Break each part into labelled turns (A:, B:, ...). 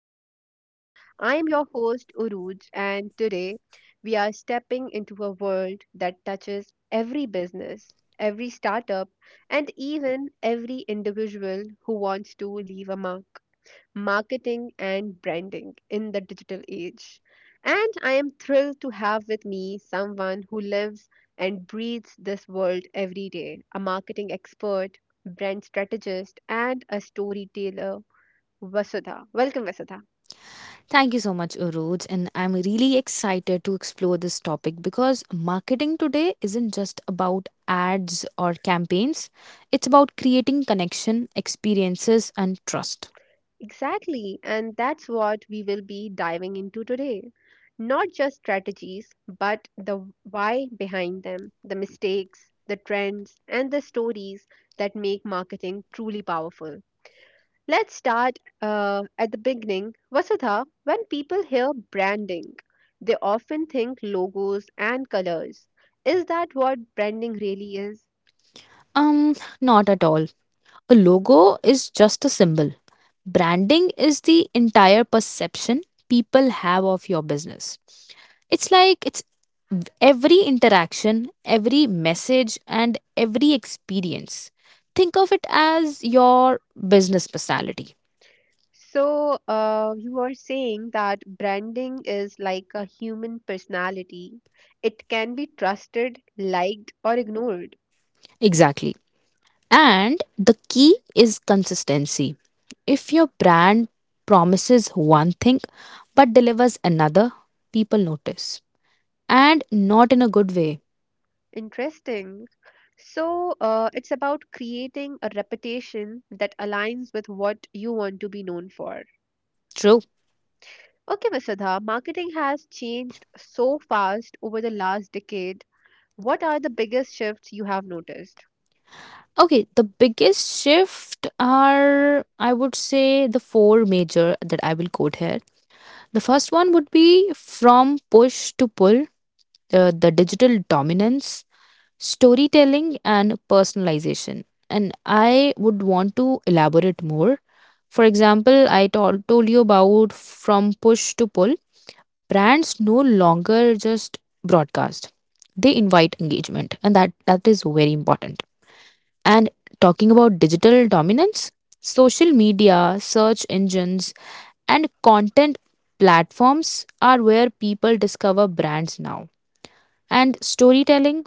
A: the podcast. I am your host, Uruj, and today we are stepping into a world that touches every business, every startup, and even every individual who wants to leave a mark marketing and branding in the digital age. And I am thrilled to have with me someone who lives and breathes this world every day a marketing expert, brand strategist, and a storyteller, Vasudha. Welcome, Vasudha.
B: Thank you so much, Urooj. And I'm really excited to explore this topic because marketing today isn't just about ads or campaigns, it's about creating connection, experiences, and trust.
A: Exactly, and that's what we will be diving into today. Not just strategies, but the why behind them, the mistakes, the trends, and the stories that make marketing truly powerful. Let's start at the beginning. Vasudha, when people hear branding, they often think logos and colors. Is that what branding really is?
B: Not at all. A logo is just a symbol, branding is the entire perception people have of your business. It's like every interaction, every message, and every experience. Think of it as your business personality.
A: So, you are saying that branding is like a human personality. It can be trusted, liked, or ignored.
B: Exactly. And the key is consistency. If your brand promises one thing but delivers another, people notice. And not in a good way.
A: Interesting. So, it's about creating a reputation that aligns with what you want to be known for.
B: True.
A: Okay, Vasudha, marketing has changed so fast over the last decade. What are the biggest shifts you have noticed?
B: Okay, the biggest shift are, I would say, the four major that I will quote here. The first one would be from push to pull, the digital dominance, storytelling, and personalization. And I would want to elaborate more. For example, told you about from push to pull. Brands no longer just broadcast; they invite engagement, and that is very important. And talking about digital dominance, social media, search engines, and content platforms are where people discover brands now. And storytelling.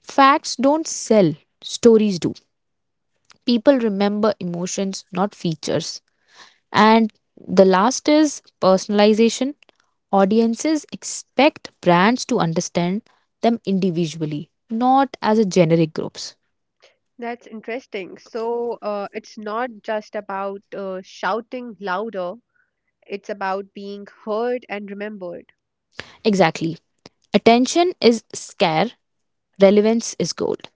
B: Facts don't sell, stories do. People remember emotions, not features. And the last is personalization. Audiences expect brands to understand them individually, not as a generic groups.
A: That's interesting. So, it's not just about shouting louder, it's about being heard and remembered.
B: Exactly. Attention is scare, relevance is gold.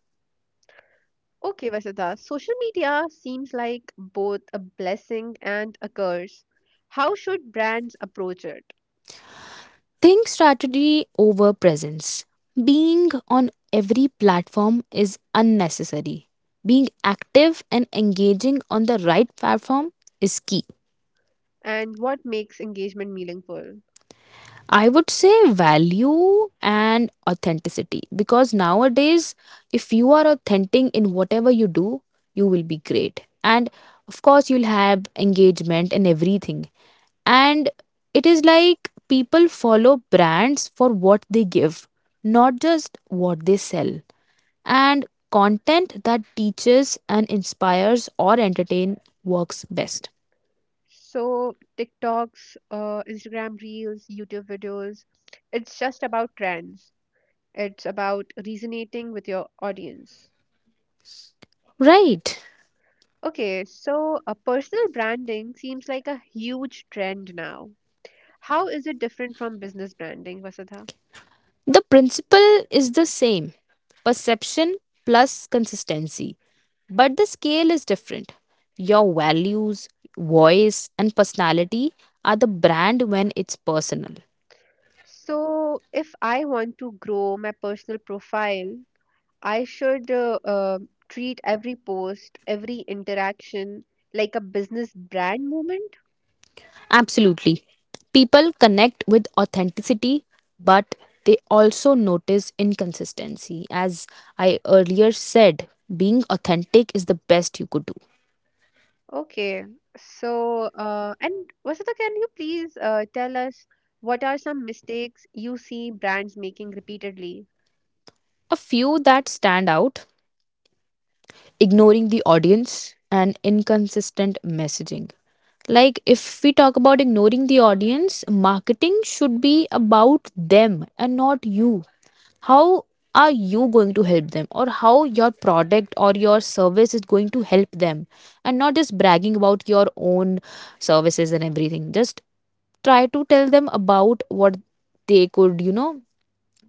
A: Okay, Vasudha, social media seems like both a blessing and a curse. How should brands approach it?
B: Think strategy over presence. Being on every platform is unnecessary. Being active and engaging on the right platform is key.
A: And what makes engagement meaningful?
B: I would say value and authenticity because nowadays, if you are authentic in whatever you do, you will be great. And of course, you'll have engagement and everything. And it is like people follow brands for what they give, not just what they sell. And content that teaches and inspires or entertain works best.
A: So TikToks, Instagram Reels, YouTube videos, it's just about trends. It's about resonating with your audience.
B: Right.
A: Okay, so personal branding seems like a huge trend now. How is it different from business branding, Vasudha?
B: The principle is the same perception plus consistency, but the scale is different. Your values, voice, and personality are the brand when it's personal.
A: So if I want to grow my personal profile, I should treat every post, every interaction like a business brand moment.
B: Absolutely. People connect with authenticity, but they also notice inconsistency. As I earlier said, being authentic is the best you could do.
A: Okay. So, and Vasudha, can you please tell us what are some mistakes you see brands making repeatedly?
B: A few that stand out: ignoring the audience and inconsistent messaging. Like, if we talk about ignoring the audience, marketing should be about them and not you. How are you going to help them, or how your product or your service is going to help them, and not just bragging about your own services and everything. Just try to tell them about what they could, you know,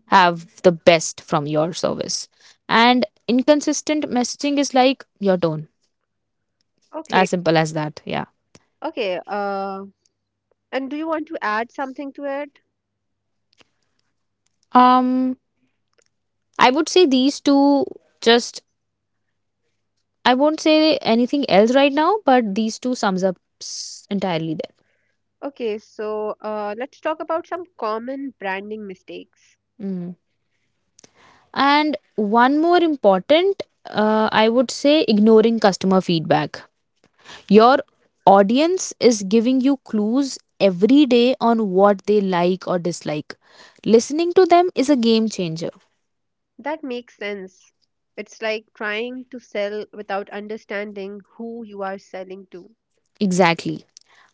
B: have the best from your service. And inconsistent messaging is like your tone,
A: Okay.
B: as simple as that, yeah.
A: Okay. And do you want to add something to it?
B: um I would say these two, just, I won't say anything else right now, but these two sums up entirely there.
A: Okay. So, let's talk about some common branding mistakes.
B: Mm. And one more important, I would say ignoring customer feedback. Your audience is giving you clues every day on what they like or dislike. Listening to them is a game changer.
A: That makes sense. It's like trying to sell without understanding who you are selling to.
B: Exactly.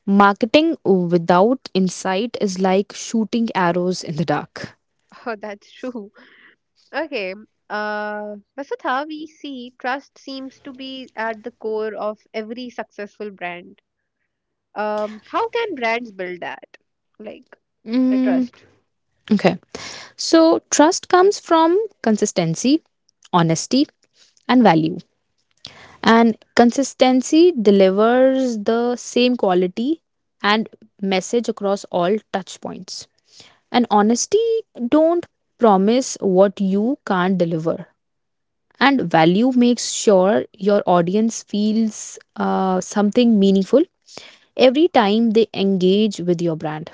B: Marketing without insight is like shooting arrows in the dark.
A: Oh, that's true. Okay. Vasudha, we see trust seems to be at the core of every successful brand. How can brands build that? Like the
B: Mm,
A: trust.
B: okay. So, trust comes from consistency, honesty, and value. And consistency delivers the same quality and message across all touch points. And honesty, don't promise what you can't deliver. And value makes sure your audience feels something meaningful every time they engage with your brand.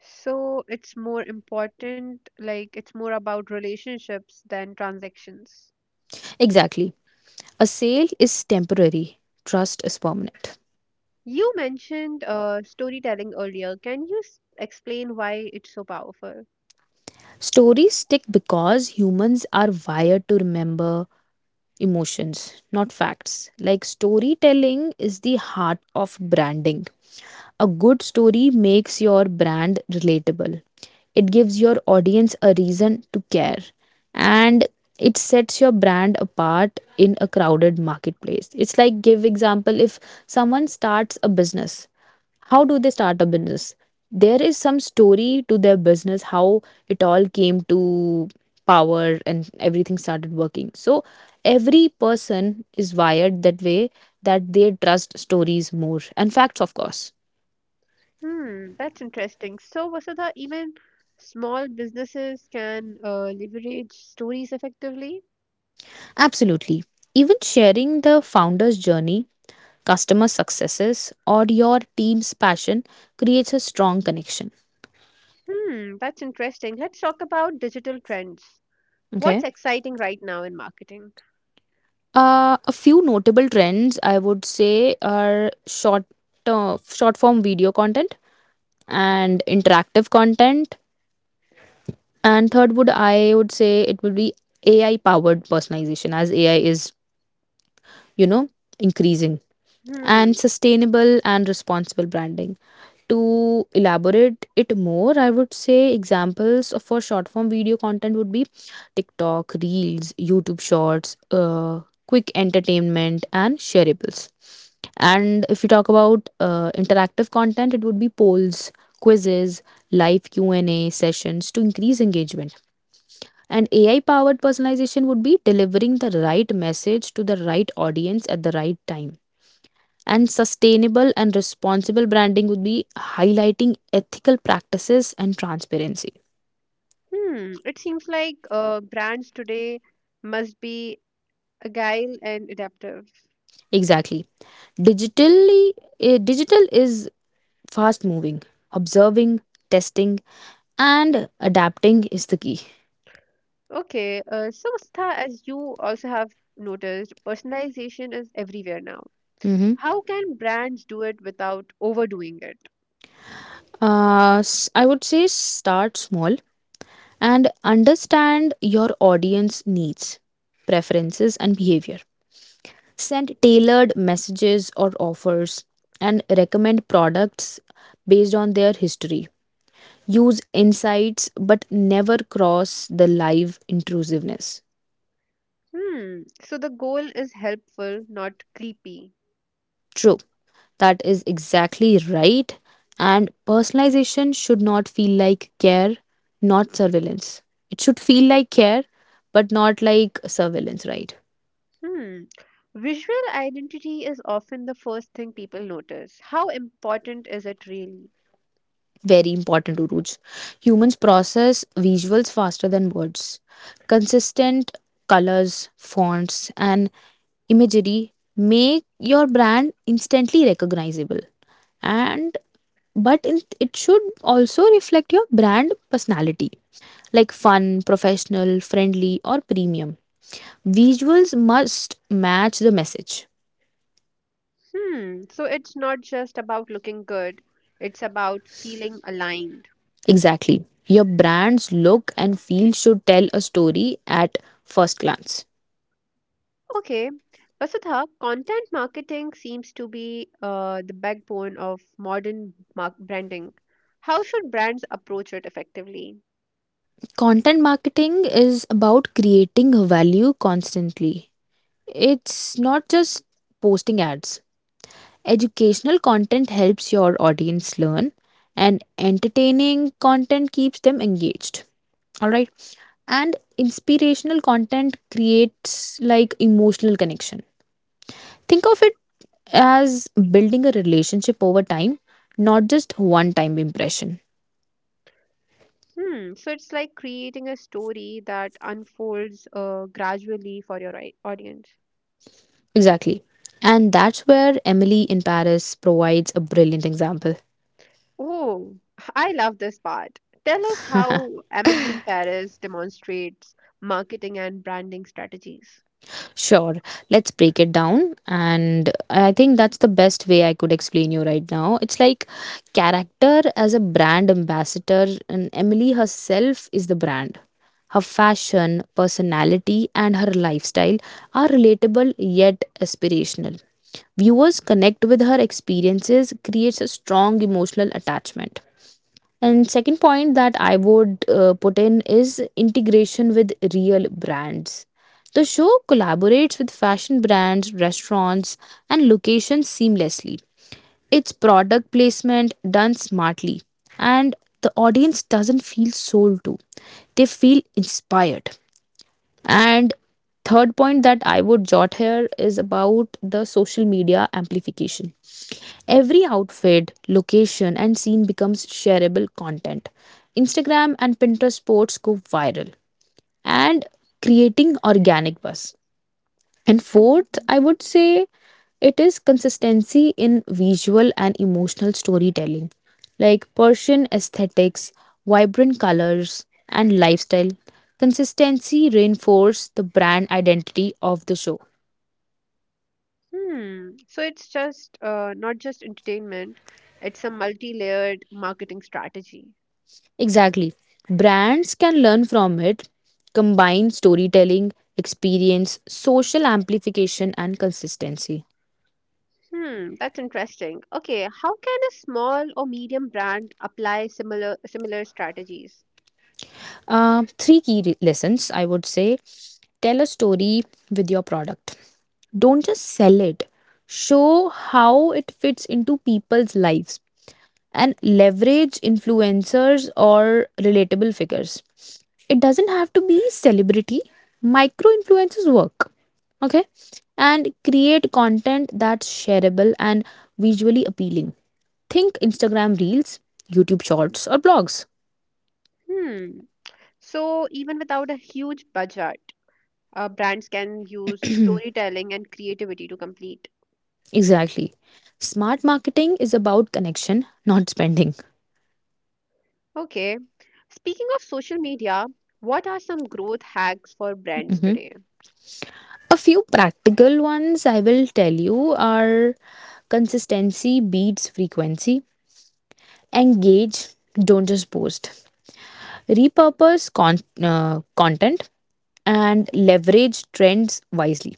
A: So it's more important, like it's more about relationships than transactions.
B: Exactly. A sale is temporary, trust is permanent.
A: You mentioned storytelling earlier. Can you explain why it's so powerful?
B: Stories stick because humans are wired to remember emotions, not facts. Like storytelling is the heart of branding. A good story makes your brand relatable, it gives your audience a reason to care, and it sets your brand apart in a crowded marketplace. It's like, give example, if someone starts a business, how do they start a business, there is some story to their business, how it all came to power and everything started working. So every person is wired that way, that they trust stories more and facts of course.
A: Hmm, that's interesting. So, Vasudha, even small businesses can leverage stories effectively?
B: Absolutely. Even sharing the founder's journey, customer successes, or your team's passion creates a strong connection.
A: Hmm, that's interesting. Let's talk about digital trends. What's
B: Okay.
A: exciting right now in marketing?
B: A few notable trends I would say are short form video content and interactive content. And third would, I would say it would be AI powered personalization, as AI is, you know, increasing,
A: Hmm,
B: and sustainable and responsible branding. To elaborate it more, I would say examples for short form video content would be TikTok, Reels, YouTube Shorts, quick entertainment, and shareables. And if you talk about interactive content, it would be polls, quizzes, live Q&A sessions to increase engagement. And AI powered personalization would be delivering the right message to the right audience at the right time, and sustainable and responsible branding would be highlighting ethical practices and transparency.
A: hmm. It seems like brands today must be agile and adaptive.
B: Exactly. Digitally, digital is fast moving. Observing, testing, and adapting is the key.
A: Okay, so Star, as you also have noticed, personalization is everywhere now.
B: Hmm.
A: How can brands do it without overdoing it?
B: I would say start small and understand your audience needs, preferences and behavior. Send tailored messages or offers and recommend products based on their history. Use insights but never cross the live intrusiveness.
A: Hmm, so the goal is helpful, not creepy.
B: True, that is exactly right. And personalization should not feel like care, not surveillance. It should feel like care, but not like surveillance, right?
A: Hmm. Visual identity is often the first thing people notice. How important is it really?
B: Very important, Uruj. Humans process visuals faster than words. Consistent colors, fonts, and imagery make your brand instantly recognizable. And but in, it should also reflect your brand personality like fun, professional, friendly, or premium. Visuals must match the message.
A: Hmm. So it's not just about looking good, it's about feeling aligned.
B: Exactly. Your brand's look and feel should tell a story at first glance.
A: Okay. Vasudha, content marketing seems to be the backbone of modern branding. How should brands approach it effectively?
B: Content marketing is about creating value constantly. It's not just posting ads. Educational content helps your audience learn, and entertaining content keeps them engaged. All right. And inspirational content creates like emotional connection. Think of it as building a relationship over time, not just one time impression.
A: Hmm. So it's like creating a story that unfolds gradually for your audience.
B: Exactly. And that's where Emily in Paris provides a brilliant example.
A: Oh, I love this part. Tell us how Emily in Paris demonstrates marketing and branding strategies.
B: Sure, let's break it down. And I think that's the best way I could explain you right now. It's like character as a brand ambassador, and Emily herself is the brand. Her fashion, personality, and her lifestyle are relatable yet aspirational. Viewers connect with her experiences, creates a strong emotional attachment. And second point that I would, put in is integration with real brands. The show collaborates with fashion brands, restaurants, and locations seamlessly. Its product placement done smartly, and the audience doesn't feel sold to; they feel inspired. And third point that I would jot here is about the social media amplification. Every outfit, location, and scene becomes shareable content. Instagram and Pinterest posts go viral and creating organic buzz. And fourth,
A: Mm.
B: I would say it is consistency in visual and emotional storytelling. Like Persian aesthetics, vibrant colors, and lifestyle. Consistency reinforces the brand identity of the show.
A: Hmm. So it's just not just entertainment, it's a multi-layered marketing strategy.
B: Exactly. Brands can learn from it, combine storytelling, experience, social amplification, and consistency.
A: Hmm, that's interesting. Okay, how can a small or medium brand apply similar strategies?
B: Three key re- lessons I would say: tell a story with your product. Don't just sell it, show how it fits into people's lives, and leverage influencers or relatable figures. It doesn't have to be celebrity, micro influencers work. Okay, and create content that's shareable and visually appealing. Think Instagram Reels, YouTube Shorts, or blogs.
A: Hmm. So even without a huge budget, brands can use storytelling and creativity to complete.
B: Exactly. Smart marketing is about connection, not spending.
A: Okay, Speaking of social media, what are some growth hacks for brands
B: Mhm.
A: today?
B: A few practical ones I will tell you are: consistency beats frequency, engage, don't just post, repurpose con- content, and leverage trends wisely.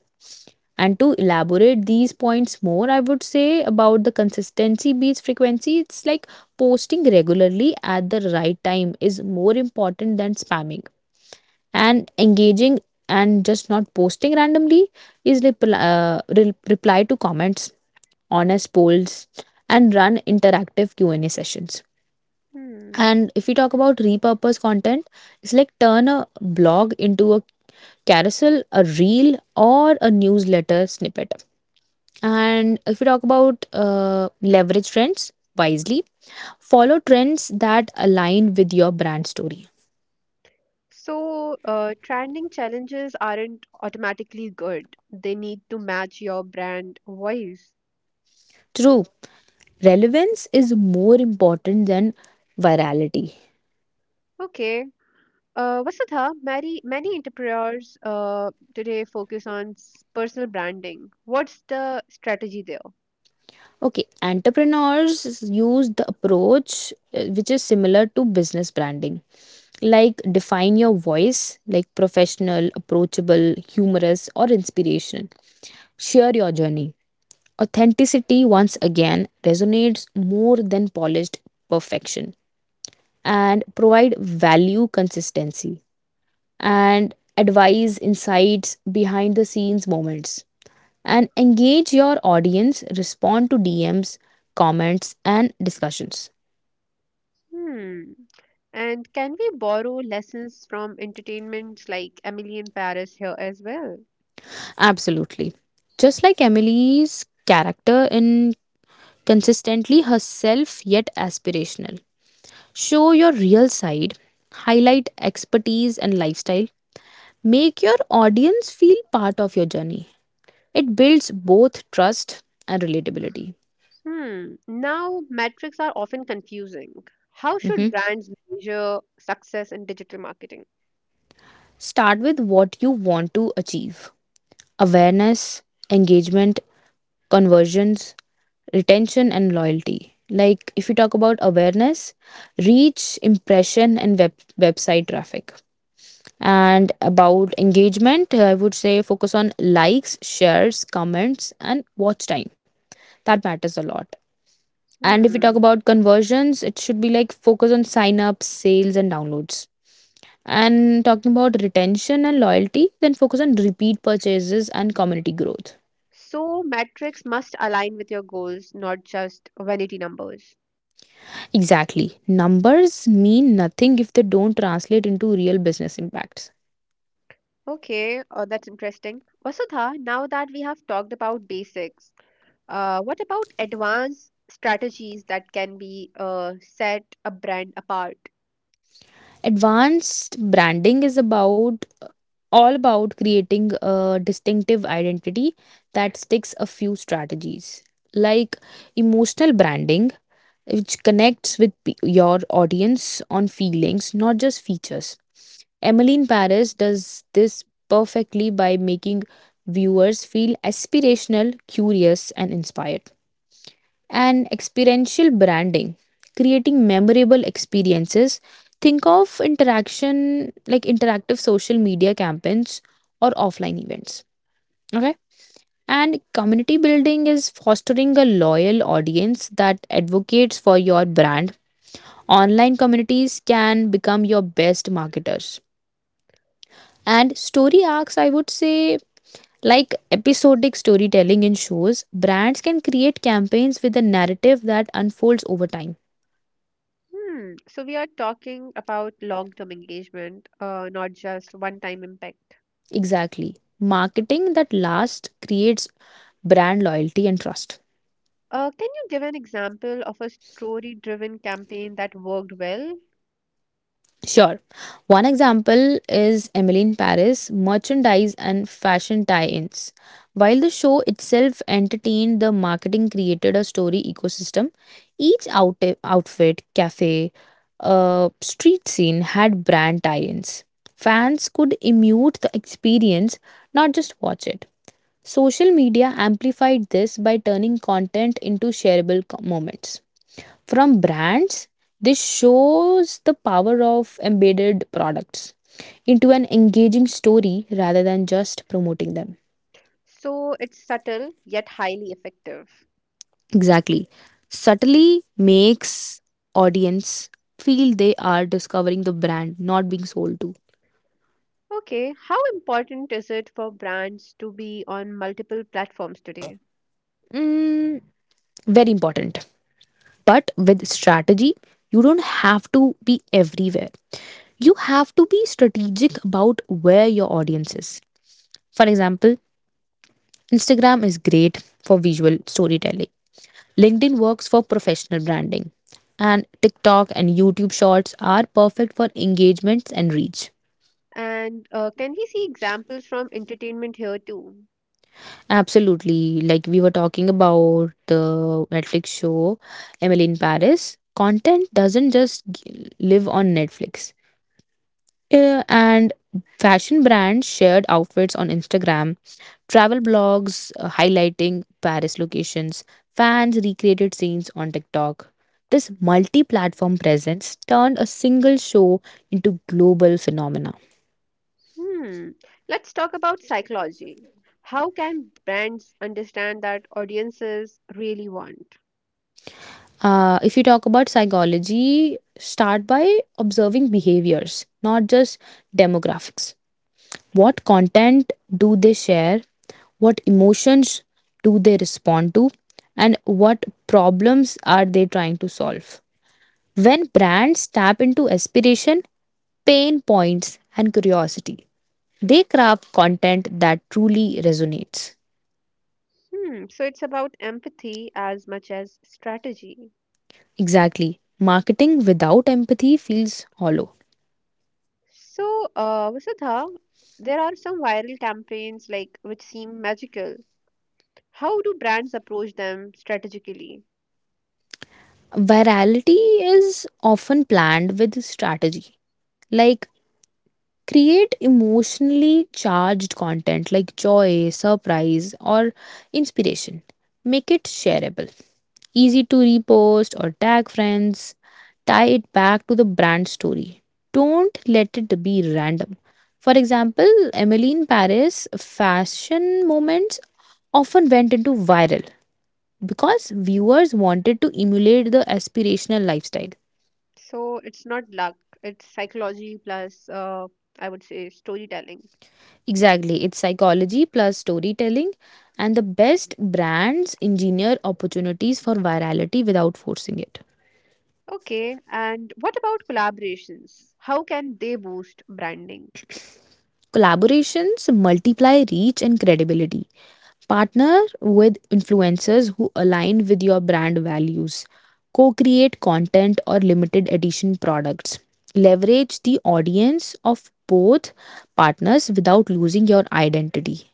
B: And to elaborate these points more, I would say about the consistency beats frequency, it's like posting regularly at the right time is more important than spamming, and engaging and just not posting randomly is reply to comments, honest polls, and run interactive q&a sessions.
A: Hmm.
B: And if we talk about repurpose content, it's like turn a blog into a carousel, a reel, or a newsletter snippet. And if we talk about leverage trends wisely, follow trends that align with your brand story.
A: So, trending challenges aren't automatically good. They need to match your brand voice.
B: True, relevance is more important than virality.
A: Okay. Vasudha, many entrepreneurs today focus on personal branding. What's the strategy there?
B: Okay, entrepreneurs use the approach, which is similar to business branding, like define your voice, like professional, approachable, humorous, or inspirational. Share your journey. Authenticity once again resonates more than polished perfection. And provide value consistency, and advise insights, behind the scenes moments, and engage your audience, respond to DMs, comments, and discussions.
A: Hmm. And can we borrow lessons from entertainments like Emily in Paris here as well?
B: Absolutely. Just like Emily's character in Consistently Herself Yet Aspirational, show your real side, highlight expertise and lifestyle, make your audience feel part of your journey. It builds both trust and relatability.
A: Hmm. Now, metrics are often confusing. How should
B: Mhm.
A: brands measure success in digital marketing?
B: Start with what you want to achieve: awareness, engagement, conversions, retention and loyalty. Like if you talk about awareness, reach, impression, and web, website traffic. And about engagement, I would say focus on likes, shares, comments, and watch time, that matters a lot. And if we talk
A: Hmm.
B: about conversions, it should be like focus on sign ups, sales, and downloads. And talking about retention and loyalty, then focus on repeat purchases and community growth.
A: So, metrics must align with your goals, not just vanity numbers.
B: Exactly. Numbers mean nothing if they don't translate into real business impacts.
A: Okay, that's interesting. Vasudha, now that we have talked about basics, what about advanced strategies that can be set a brand apart?
B: Advanced branding is about, all about creating a distinctive identity that sticks. A few strategies like emotional branding, which connects with your audience on feelings not just features. Emmeline Paris does this perfectly by making viewers feel aspirational, curious and inspired. And experiential branding, creating memorable experiences. Think of interaction like interactive social media campaigns or offline events. Okay. And community building is fostering a loyal audience that advocates for your brand. Online communities can become your best marketers. And story arcs, I would say, like episodic storytelling in shows, brands can create campaigns with a narrative that unfolds over time.
A: Hmm. So, we are talking about long term engagement, not just one time impact.
B: Exactly. Marketing that lasts creates brand loyalty and trust.
A: Can you give an example of a story driven campaign that worked well?
B: Sure. One example is Emily in Paris, merchandise and fashion tie ins. While the show itself entertained, the marketing created a story ecosystem. Each outfit, cafe, street scene had brand tie ins. Fans could immute the experience, not just watch it. Social media amplified this by turning content into shareable moments. From brands, this shows the power of embedded products into an engaging story rather than just promoting them.
A: So it's subtle yet highly effective.
B: Exactly. Subtly makes audience feel they are discovering the brand, not being sold to.
A: Okay, how important is it for brands to be on multiple platforms today?
B: Mm, very important. But with strategy, you don't have to be everywhere. You have to be strategic about where your audience is. For example, Instagram is great for visual storytelling, LinkedIn works for professional branding, and TikTok and YouTube Shorts are perfect for engagements and reach.
A: And can we see examples from entertainment here too?
B: Absolutely, like we were talking about, the Netflix show Emily in Paris, content doesn't just live on Netflix. And fashion brands shared outfits on Instagram. Travel blogs highlighting Paris locations, fans recreated scenes on TikTok. This multi platform presence turned a single show into global phenomena.
A: Hmm, let's talk about psychology. How can brands understand that audiences really want?
B: If you talk about psychology, start by observing behaviors, not just demographics. What content do they share? What emotions do they respond to? And what problems are they trying to solve? When brands tap into aspiration, pain points, and curiosity, they craft content that truly resonates.
A: Hmm, so it's about empathy as much as strategy.
B: Exactly. Marketing without empathy feels hollow.
A: So, Vasudha, there are some viral campaigns like which seem magical. How do brands approach them strategically?
B: Virality is often planned with strategy, like create emotionally charged content like joy, surprise, or inspiration. Make it shareable, easy to repost or tag friends. Tie it back to the brand story. Don't let it be random. For example, Emily Paris fashion moments often went into viral because viewers wanted to emulate the aspirational lifestyle.
A: So it's not luck, it's psychology plus, I would say storytelling.
B: Exactly, it's psychology plus storytelling, and the best brands engineer opportunities for virality without forcing it.
A: Okay, and what about collaborations? How can they boost branding?
B: Collaborations multiply reach and credibility. Partner with influencers who align with your brand values. Co create content or limited edition products. Leverage the audience of both partners without losing your identity.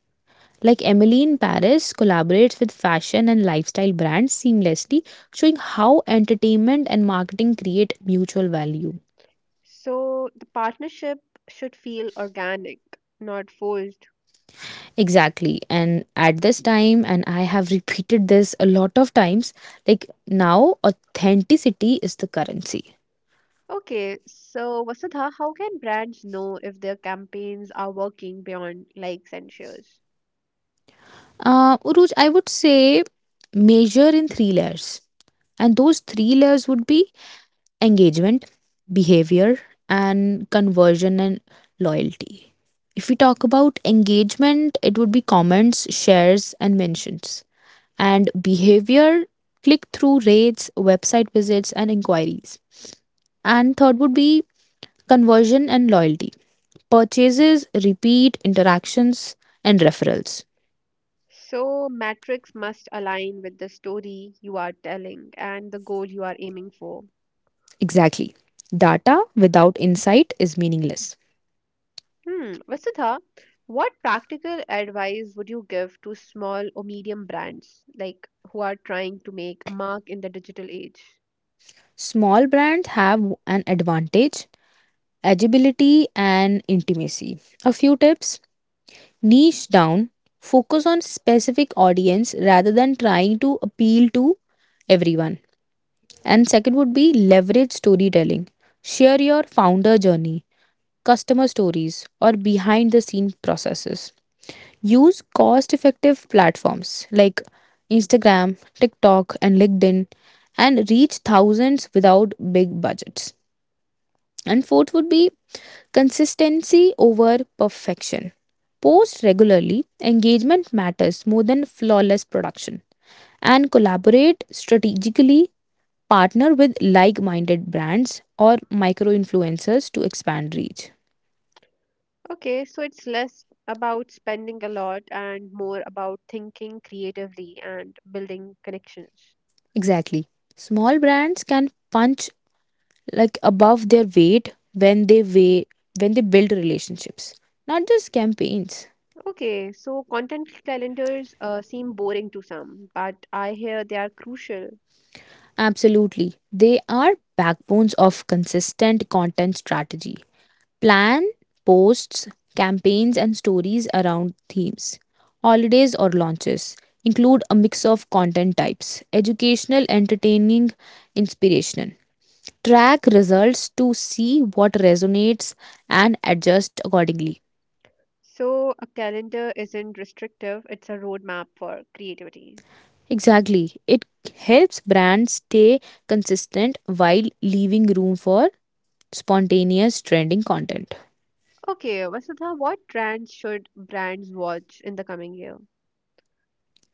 B: Like Emily in Paris collaborates with fashion and lifestyle brands seamlessly, showing how entertainment and marketing create mutual value.
A: So the partnership should feel organic, not forced.
B: Exactly. And at this time, and I have repeated this a lot of times, like, now authenticity is the currency.
A: Okay, so Vasudha, how can brands know if their campaigns are working beyond likes and shares?
B: Uruj, I would say measure in three layers. And those three layers would be engagement, behavior, and conversion and loyalty. If we talk about engagement, it would be comments, shares, and mentions. And behavior, click through rates, website visits, and inquiries. And third would be conversion and loyalty, purchases, repeat interactions, and referrals.
A: So, metrics must align with the story you are telling and the goal you are aiming for.
B: Exactly, data without insight is meaningless.
A: Hmm, Vasudha, what practical advice would you give to small or medium brands like who are trying to make a mark in the digital age?
B: Small brands have an advantage, agility and intimacy. A few tips: niche down, focus on specific audience rather than trying to appeal to everyone. And second would be leverage storytelling, share your founder journey, customer stories, or behind the scene processes. Use cost effective platforms like Instagram, TikTok, and LinkedIn and reach thousands without big budgets. And fourth would be consistency over perfection. Post regularly, engagement matters more than flawless production. And collaborate strategically, partner with like minded brands or micro influencers to expand reach.
A: Okay, so it's less about spending a lot and more about thinking creatively and building connections.
B: Exactly. Small brands can punch like above their weight when they weigh when they build relationships, not just campaigns.
A: Okay, so content calendars seem boring to some, but I hear they are crucial.
B: Absolutely, they are backbones of consistent content strategy. Plan posts, campaigns and stories around themes, holidays or launches. Include a mix of content types, educational, entertaining, inspirational. Track results to see what resonates and adjust accordingly.
A: So, a calendar isn't restrictive, it's a roadmap for creativity.
B: Exactly. It helps brands stay consistent while leaving room for spontaneous trending content.
A: Okay, Vasudha, what trends should brands watch in the coming year?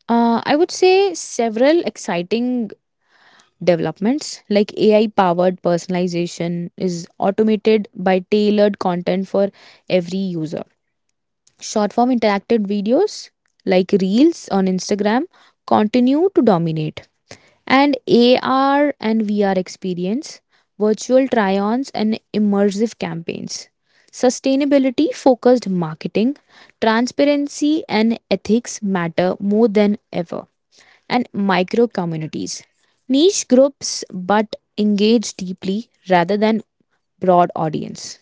B: I would say several exciting developments like AI powered personalization is automated by tailored content for every user. Short form interactive videos like Reels on Instagram continue to dominate. And AR and VR experience, virtual try ons, and immersive campaigns. Sustainability focused marketing, transparency, and ethics matter more than ever. And micro communities, niche groups but engage deeply rather than broad audience.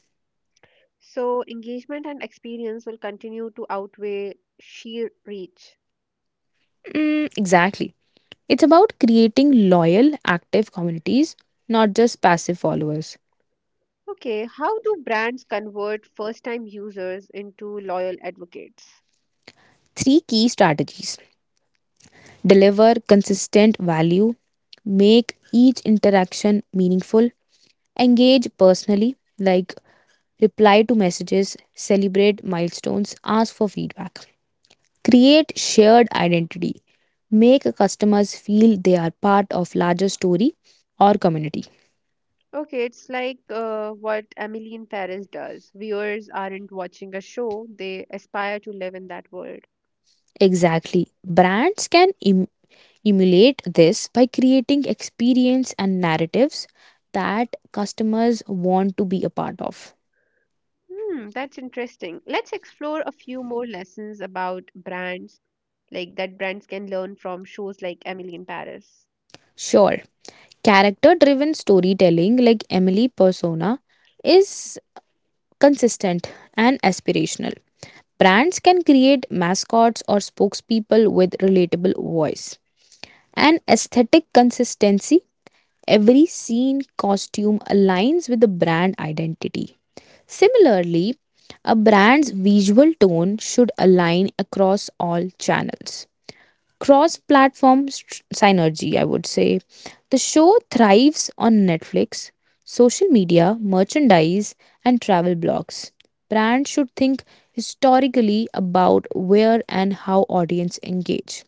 A: So, engagement and experience will continue to outweigh sheer reach.
B: Mm, exactly. It's about creating loyal, active communities, not just passive followers.
A: Okay, how do brands convert first time users into loyal advocates?
B: Three key strategies: deliver consistent value, make each interaction meaningful, engage personally, like reply to messages, celebrate milestones, ask for feedback, create shared identity, make customers feel they are part of larger story or community.
A: Okay, it's like what Emily in Paris does. Viewers aren't watching a show, they aspire to live in that world.
B: Exactly. Brands can emulate this by creating experience and narratives that customers want to be a part of.
A: Hmm, that's interesting. Let's explore a few more lessons about brands, like that brands can learn from shows like Emily in Paris.
B: Sure, character driven storytelling like Emily Persona is consistent and aspirational. Brands can create mascots or spokespeople with relatable voice. And aesthetic consistency, every scene costume aligns with the brand identity. Similarly, a brand's visual tone should align across all channels, cross platform synergy, I would say. The show thrives on Netflix, social media, merchandise, and travel blogs. Brands should think historically about where and how audience engage.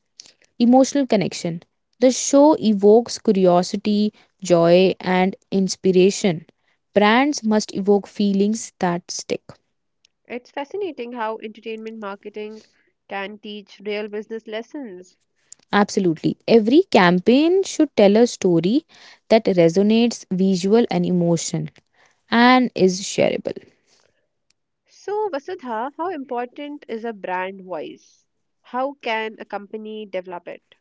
B: Emotional connection. The show evokes curiosity, joy, and inspiration. Brands must evoke feelings that stick.
A: It's fascinating how entertainment marketing can teach real business lessons.
B: Absolutely. Every campaign should tell a story that resonates, visual and emotion, and is shareable.
A: So, Vasudha, how important is a brand voice? How can a company develop it?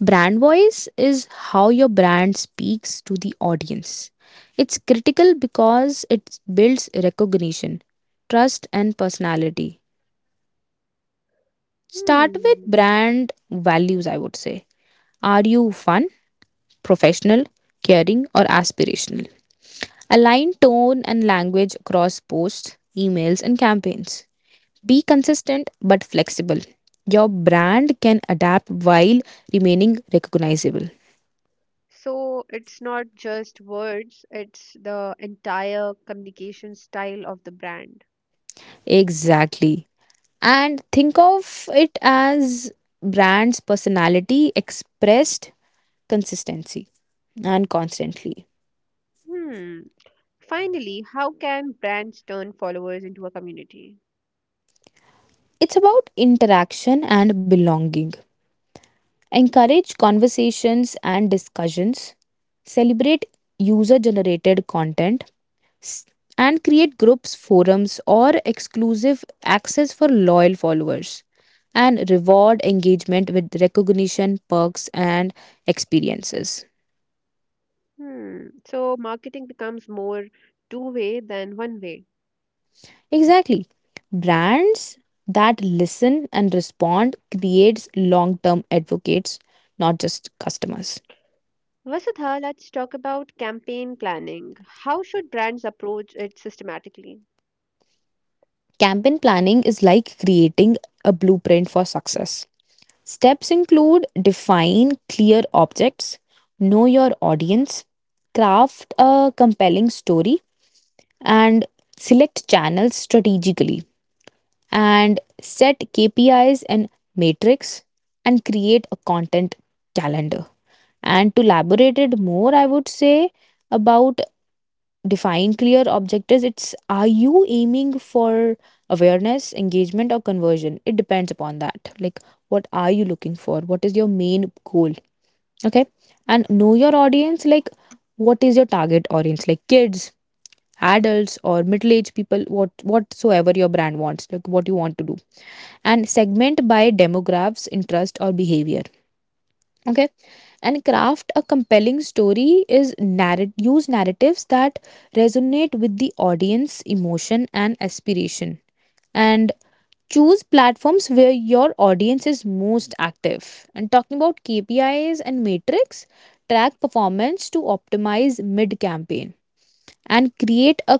B: Brand voice is how your brand speaks to the audience. It's critical because it builds recognition, trust, and personality. Start with
A: Hmm.
B: brand values, I would say. Are you fun, professional, caring, or aspirational? Align tone and language across posts, emails, and campaigns. Be consistent but flexible. Your brand can adapt while remaining recognizable.
A: So, it's not just words, it's the entire communication style of the brand.
B: Exactly. And think of it as brand's personality expressed consistency and constantly.
A: Hmm. Finally, how can brands turn followers into a community?
B: It's about interaction and belonging. Encourage conversations and discussions. Celebrate user generated content. s- and create groups, forums, or exclusive access for loyal followers, and reward engagement with recognition, perks, and experiences.
A: Hmm. So marketing becomes more two-way than one-way.
B: Exactly. Brands that listen and respond creates long-term advocates, not just customers.
A: Vasudha, let's talk about campaign planning. How should brands approach it systematically?
B: Campaign planning is like creating a blueprint for success. Steps include define clear objects, know your audience, craft a compelling story, and select channels strategically, and set KPIs and matrix, and create a content calendar. And to elaborate it more, I would say about define clear objectives, it's are you aiming for awareness, engagement or conversion? It depends upon that, like what are you looking for, what is your main goal? Okay. And know your audience, like what is your target audience, like kids, adults or middle-aged people, what, whatsoever your brand wants, like what you want to do. And segment by demographics, interest or behavior. Okay. And craft a compelling story is narrate, use narratives that resonate with the audience emotion and aspiration. And choose platforms where your audience is most active. And talking about KPIs and matrix, track performance to optimize mid campaign. And create a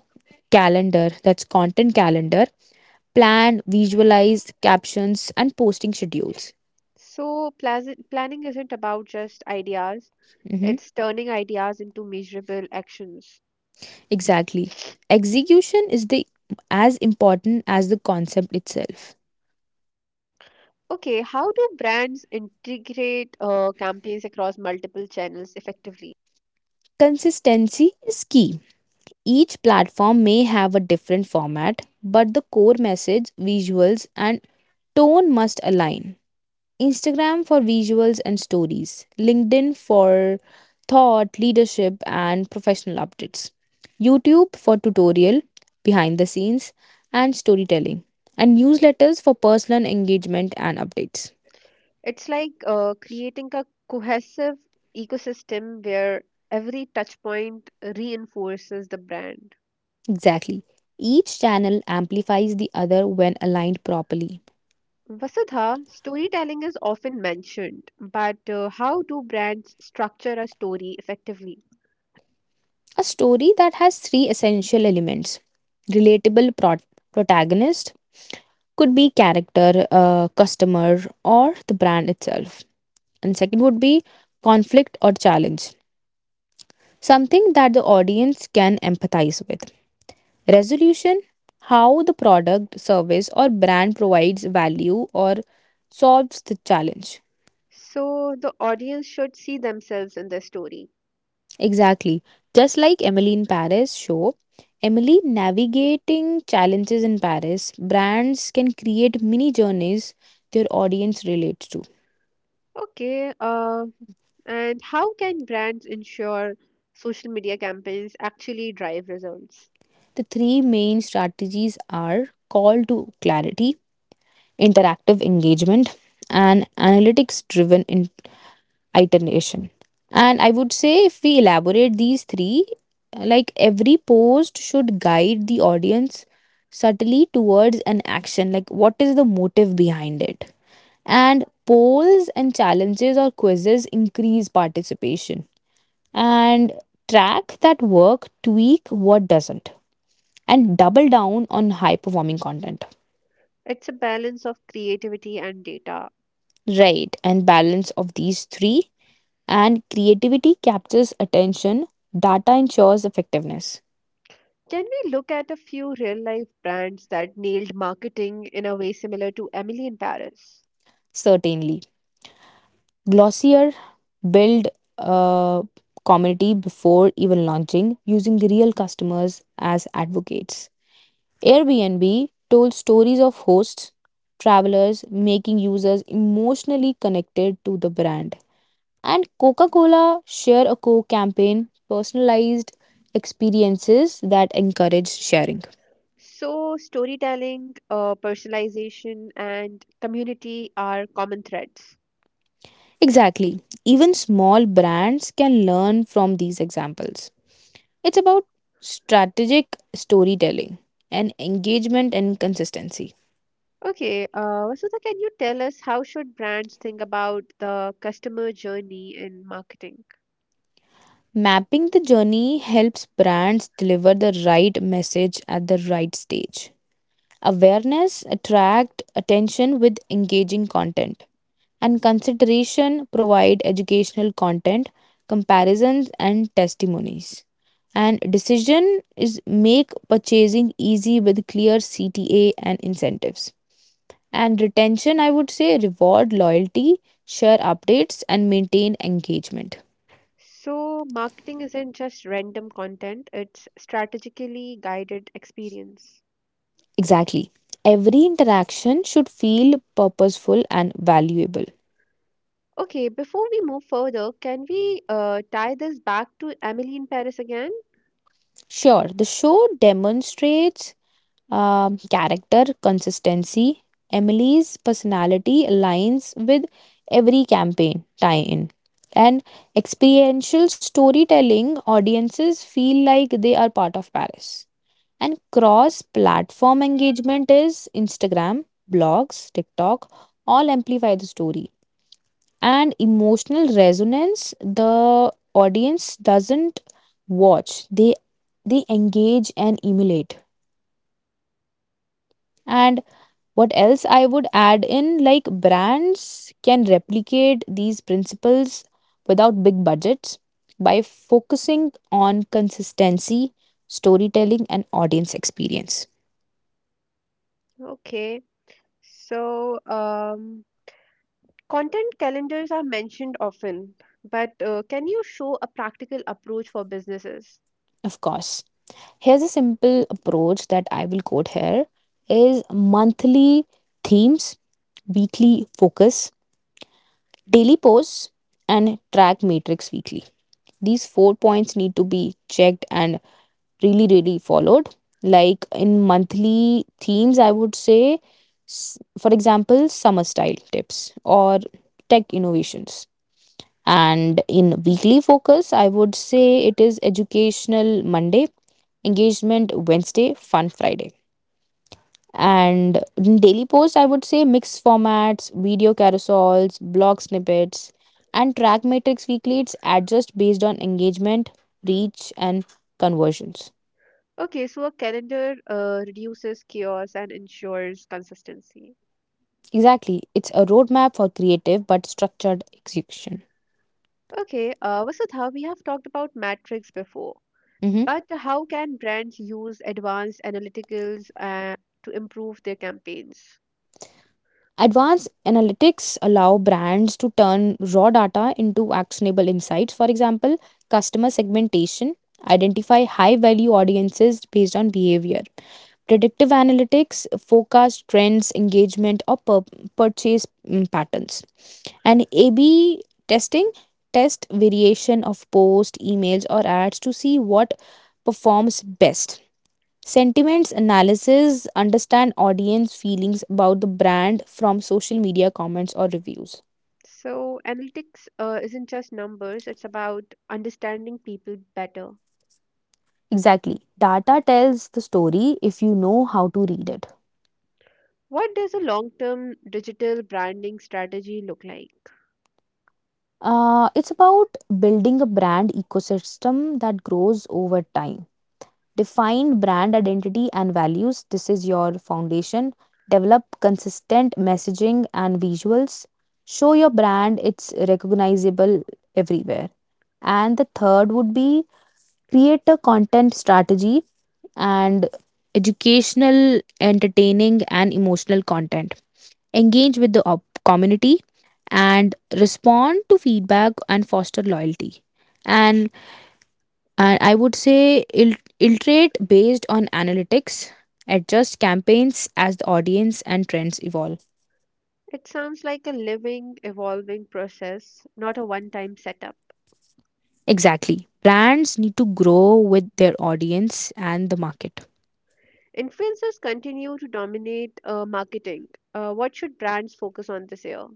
B: calendar, that's content calendar, plan, visualize, captions and posting schedules.
A: So planning isn't about just ideas,
B: Mhm.
A: it's turning ideas into measurable actions.
B: Exactly, execution is the as important as the concept itself.
A: Okay, how do brands integrate campaigns across multiple channels effectively?
B: Consistency is key. Each platform may have a different format, but the core message, visuals, and tone must align. Instagram for visuals and stories, LinkedIn for thought, leadership, and professional updates, YouTube for tutorial, behind the scenes, and storytelling, and newsletters for personal engagement and updates.
A: It's like creating a cohesive ecosystem where every touch point reinforces the brand.
B: Exactly. Each channel amplifies the other when aligned properly.
A: Vasudha, storytelling is often mentioned, but how do brands structure a story effectively?
B: A story that has three essential elements: relatable protagonist, could be character, customer, or the brand itself. And second would be conflict or challenge, something that the audience can empathize with. Resolution, how the product, service, or brand provides value or solves the challenge.
A: So the audience should see themselves in the story.
B: Exactly. Just like Emily in Paris show, Emily navigating challenges in Paris, brands can create mini journeys their audience relates to.
A: Okay, and how can brands ensure social media campaigns actually drive results?
B: The three main strategies are call to clarity, interactive engagement, and analytics driven iteration. And I would say, if we elaborate these three, like every post should guide the audience subtly towards an action, like what is the motive behind it? And polls and challenges or quizzes increase participation. And track that work, tweak what doesn't, and double down on high performing content.
A: It's a balance of creativity and data.
B: Right, and balance of these three. And creativity captures attention, data ensures effectiveness.
A: Can we look at a few real life brands that nailed marketing in a way similar to Emily in Paris?
B: Certainly, Glossier build a community before even launching using real customers as advocates. Airbnb told stories of hosts, travelers, making users emotionally connected to the brand. And Coca Cola Share a Coke campaign personalized experiences that encourage sharing.
A: So, storytelling, personalization, and community are common threads.
B: Exactly. Even small brands can learn from these examples. It's about strategic storytelling and engagement and consistency.
A: Okay, Vasudha, can you tell us how should brands think about the customer journey in marketing?
B: Mapping the journey helps brands deliver the right message at the right stage. Awareness, attract attention with engaging content, and consideration, provide educational content, comparisons, and testimonies. And decision is make purchasing easy with clear CTA and incentives. And retention, I would say, reward loyalty, share updates, and maintain engagement.
A: So, marketing isn't just random content, it's strategically guided experience.
B: Exactly. Every interaction should feel purposeful and valuable.
A: Okay, before we move further, can we tie this back to Emily in Paris again?
B: Sure, the show demonstrates character consistency. Emily's personality aligns with every campaign tie in. And experiential storytelling audiences feel like they are part of Paris. And cross platform engagement is Instagram, blogs, TikTok, all amplify the story. And emotional resonance, the audience doesn't watch, they engage and emulate. And what else I would add in like brands can replicate these principles without big budgets by focusing on consistency, storytelling, and audience experience.
A: Okay, so content calendars are mentioned often, but can you show a practical approach for businesses?
B: Of course, here's a simple approach that I will quote here is monthly themes, weekly focus, daily posts, and track matrix weekly. These four points need to be checked and really really followed. Like in monthly themes, I would say, for example, summer style tips or tech innovations. And in weekly focus, I would say it is educational Monday, engagement Wednesday, fun Friday. And in daily post, I would say mixed formats, video carousels, blog snippets. And track matrix weekly, it's adjust based on engagement, reach, and conversions.
A: Okay, so a calendar reduces chaos and ensures consistency.
B: Exactly. It's a roadmap for creative but structured execution.
A: Okay, Vasudha, we have talked about metrics before,
B: Mhm.
A: but how can brands use advanced analyticals to improve their campaigns?
B: Advanced analytics allow brands to turn raw data into actionable insights. For example, customer segmentation, identify high value audiences based on behavior. Predictive analytics forecast trends, engagement, or purchase patterns. And A B testing test variation of posts, emails, or ads to see what performs best. Sentiments analysis understand audience feelings about the brand from social media comments or reviews.
A: So, analytics isn't just numbers, it's about understanding people better.
B: Exactly. Data tells the story if you know how to read it.
A: What does a long term digital branding strategy look like?
B: It's about building a brand ecosystem that grows over time. Define brand identity and values. This is your foundation. Develop consistent messaging and visuals. Show your brand it's recognizable everywhere. And the third would be create a content strategy and educational, entertaining, and emotional content. Engage with the community and respond to feedback and foster loyalty. And, and I would say iterate based on analytics, adjust campaigns as the audience and trends evolve.
A: It sounds like a living, evolving process, not a one time setup.
B: Exactly. Brands need to grow with their audience and the market.
A: Influencers continue to dominate marketing. What should brands focus on this year?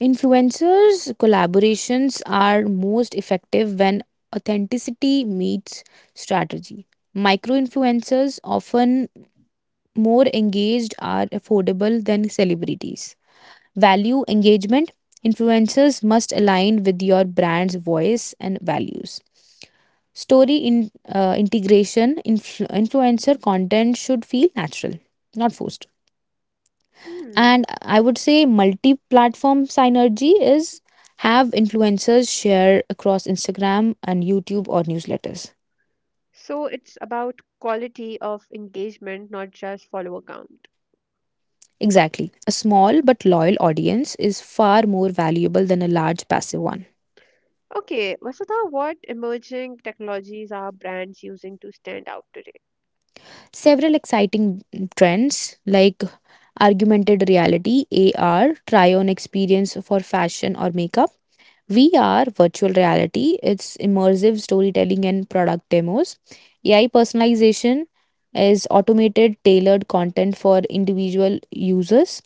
B: Influencers collaborations are most effective when authenticity meets strategy. Micro influencers often more engaged are affordable than celebrities. Value engagement influencers must align with your brand's voice and values. Story in, integration. Influencer content should feel natural, not forced.
A: Hmm.
B: And I would say multi-platform synergy is have influencers share across Instagram and YouTube or newsletters.
A: So it's about quality of engagement, not just follower count.
B: Exactly, a small but loyal audience is far more valuable than a large passive one.
A: Okay, Vasudha, what emerging technologies are brands using to stand out today?
B: Several exciting trends like augmented reality, AR try on experience for fashion or makeup. VR, virtual reality, it's immersive storytelling and product demos. AI personalization is automated, tailored content for individual users,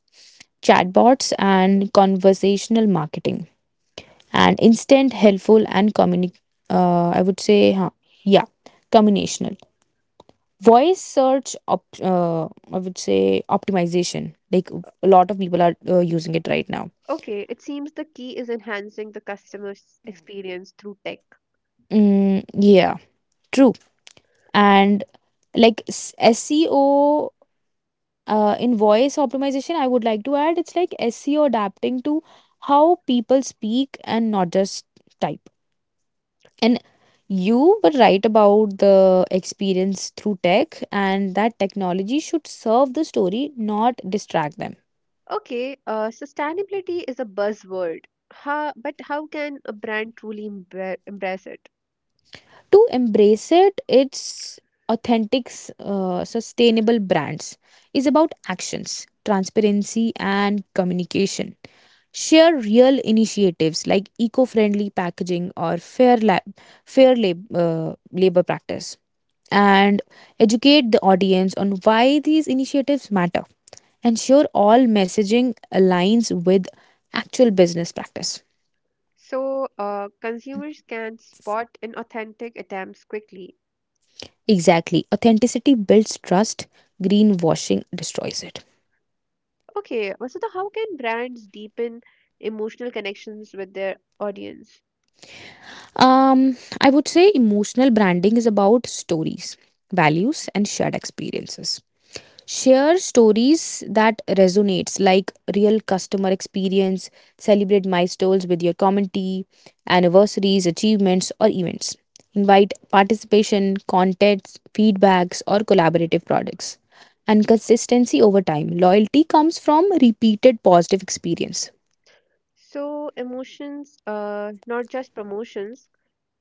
B: chatbots, and conversational marketing. And instant, helpful, and I would say, yeah, combinational. Voice search, I would say, optimization. Like a lot of people are using it right now.
A: Okay, it seems the key is enhancing the customer's experience through tech.
B: Mm, yeah, true. And like SEO, in voice optimization, I would like to add, it's like SEO adapting to how people speak and not just type. And you were right about the experience through tech, and that technology should serve the story, not distract them.
A: Okay, sustainability is a buzzword. How, but how can a brand truly embrace it?
B: To embrace it, it's authentic, sustainable brands is about actions, transparency, and communication. Share real initiatives like eco friendly packaging or fair lab, labor practice, and educate the audience on why these initiatives matter. Ensure all messaging aligns with actual business practice.
A: So, consumers can spot inauthentic attempts quickly.
B: Exactly. Authenticity builds trust, greenwashing destroys it.
A: Okay, Vasudha, how can brands deepen emotional connections with their audience?
B: I would say emotional branding is about stories, values, and shared experiences. Share stories that resonates like real customer experience. Celebrate milestones with your community, anniversaries, achievements, or events. Invite participation, contests, feedbacks, or collaborative products. And consistency over time, loyalty comes from repeated positive experience.
A: So, emotions, not just promotions,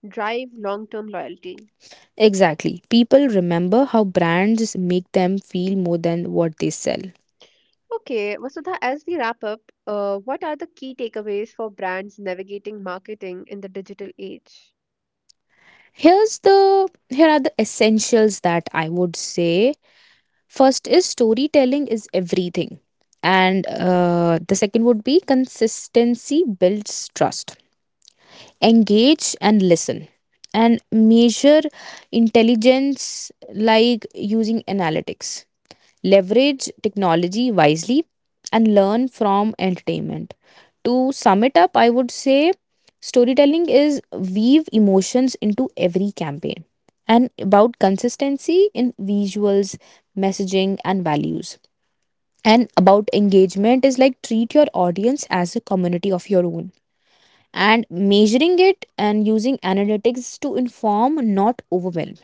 A: drive long-term loyalty.
B: Exactly, people remember how brands make them feel more than what they sell.
A: Okay, Vasudha, as we wrap up, what are the key takeaways for brands navigating marketing in the digital age?
B: here's the Here are the essentials that I would say. First is storytelling is everything. And the second would be consistency builds trust. Engage and listen. And measure intelligence, like using analytics, leverage technology wisely, and learn from entertainment. To sum it up, I would say storytelling is weave emotions into every campaign and about consistency in visuals, messaging, and values. And about engagement is like treat your audience as a community of your own, and measuring it and using analytics to inform, not overwhelm.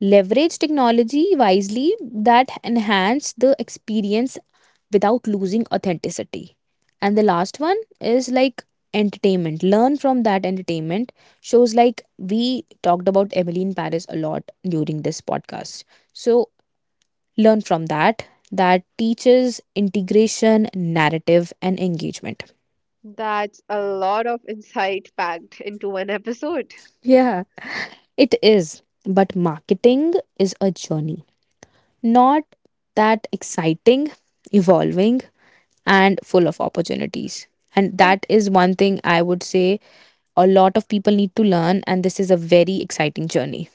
B: Leverage technology wisely that enhance the experience without losing authenticity. And the last one is like entertainment, learn from that entertainment shows like we talked about Emily in Paris a lot during this podcast. So learn from that teaches integration, narrative, and engagement.
A: That's a lot of insight packed into one episode.
B: Yeah, it is, but marketing is a journey, not that exciting, evolving, and full of opportunities. And
A: Thank
B: that is one thing I would say a lot of people need to learn, and this is a very exciting journey.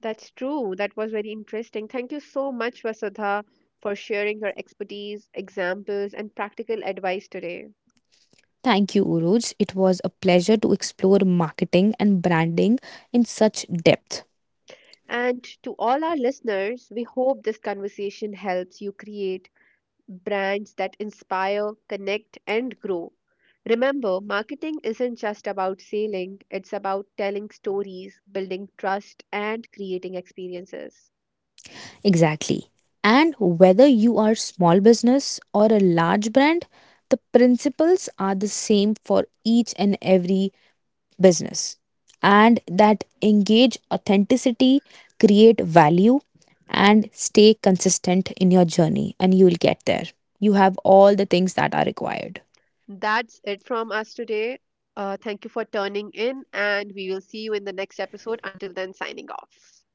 A: that's true. That was very interesting. Thank you so much, Vasudha, for sharing your expertise, examples, and practical advice today.
B: Thank you, Uruj. It was a pleasure to explore marketing and branding in such depth.
A: And to all our listeners, we hope this conversation helps you create brands that inspire, connect, and grow. Remember, marketing isn't just about selling, it's about telling stories, building trust, and creating experiences.
B: Exactly. And whether you are small business or a large brand, the principles are the same for each and every business, and that engage authenticity, create value, and stay consistent in your journey, and you will get there. You have all the things that are required.
A: That's it from us today. Thank you for turning in, and we will see you in the next episode. Until then, signing off.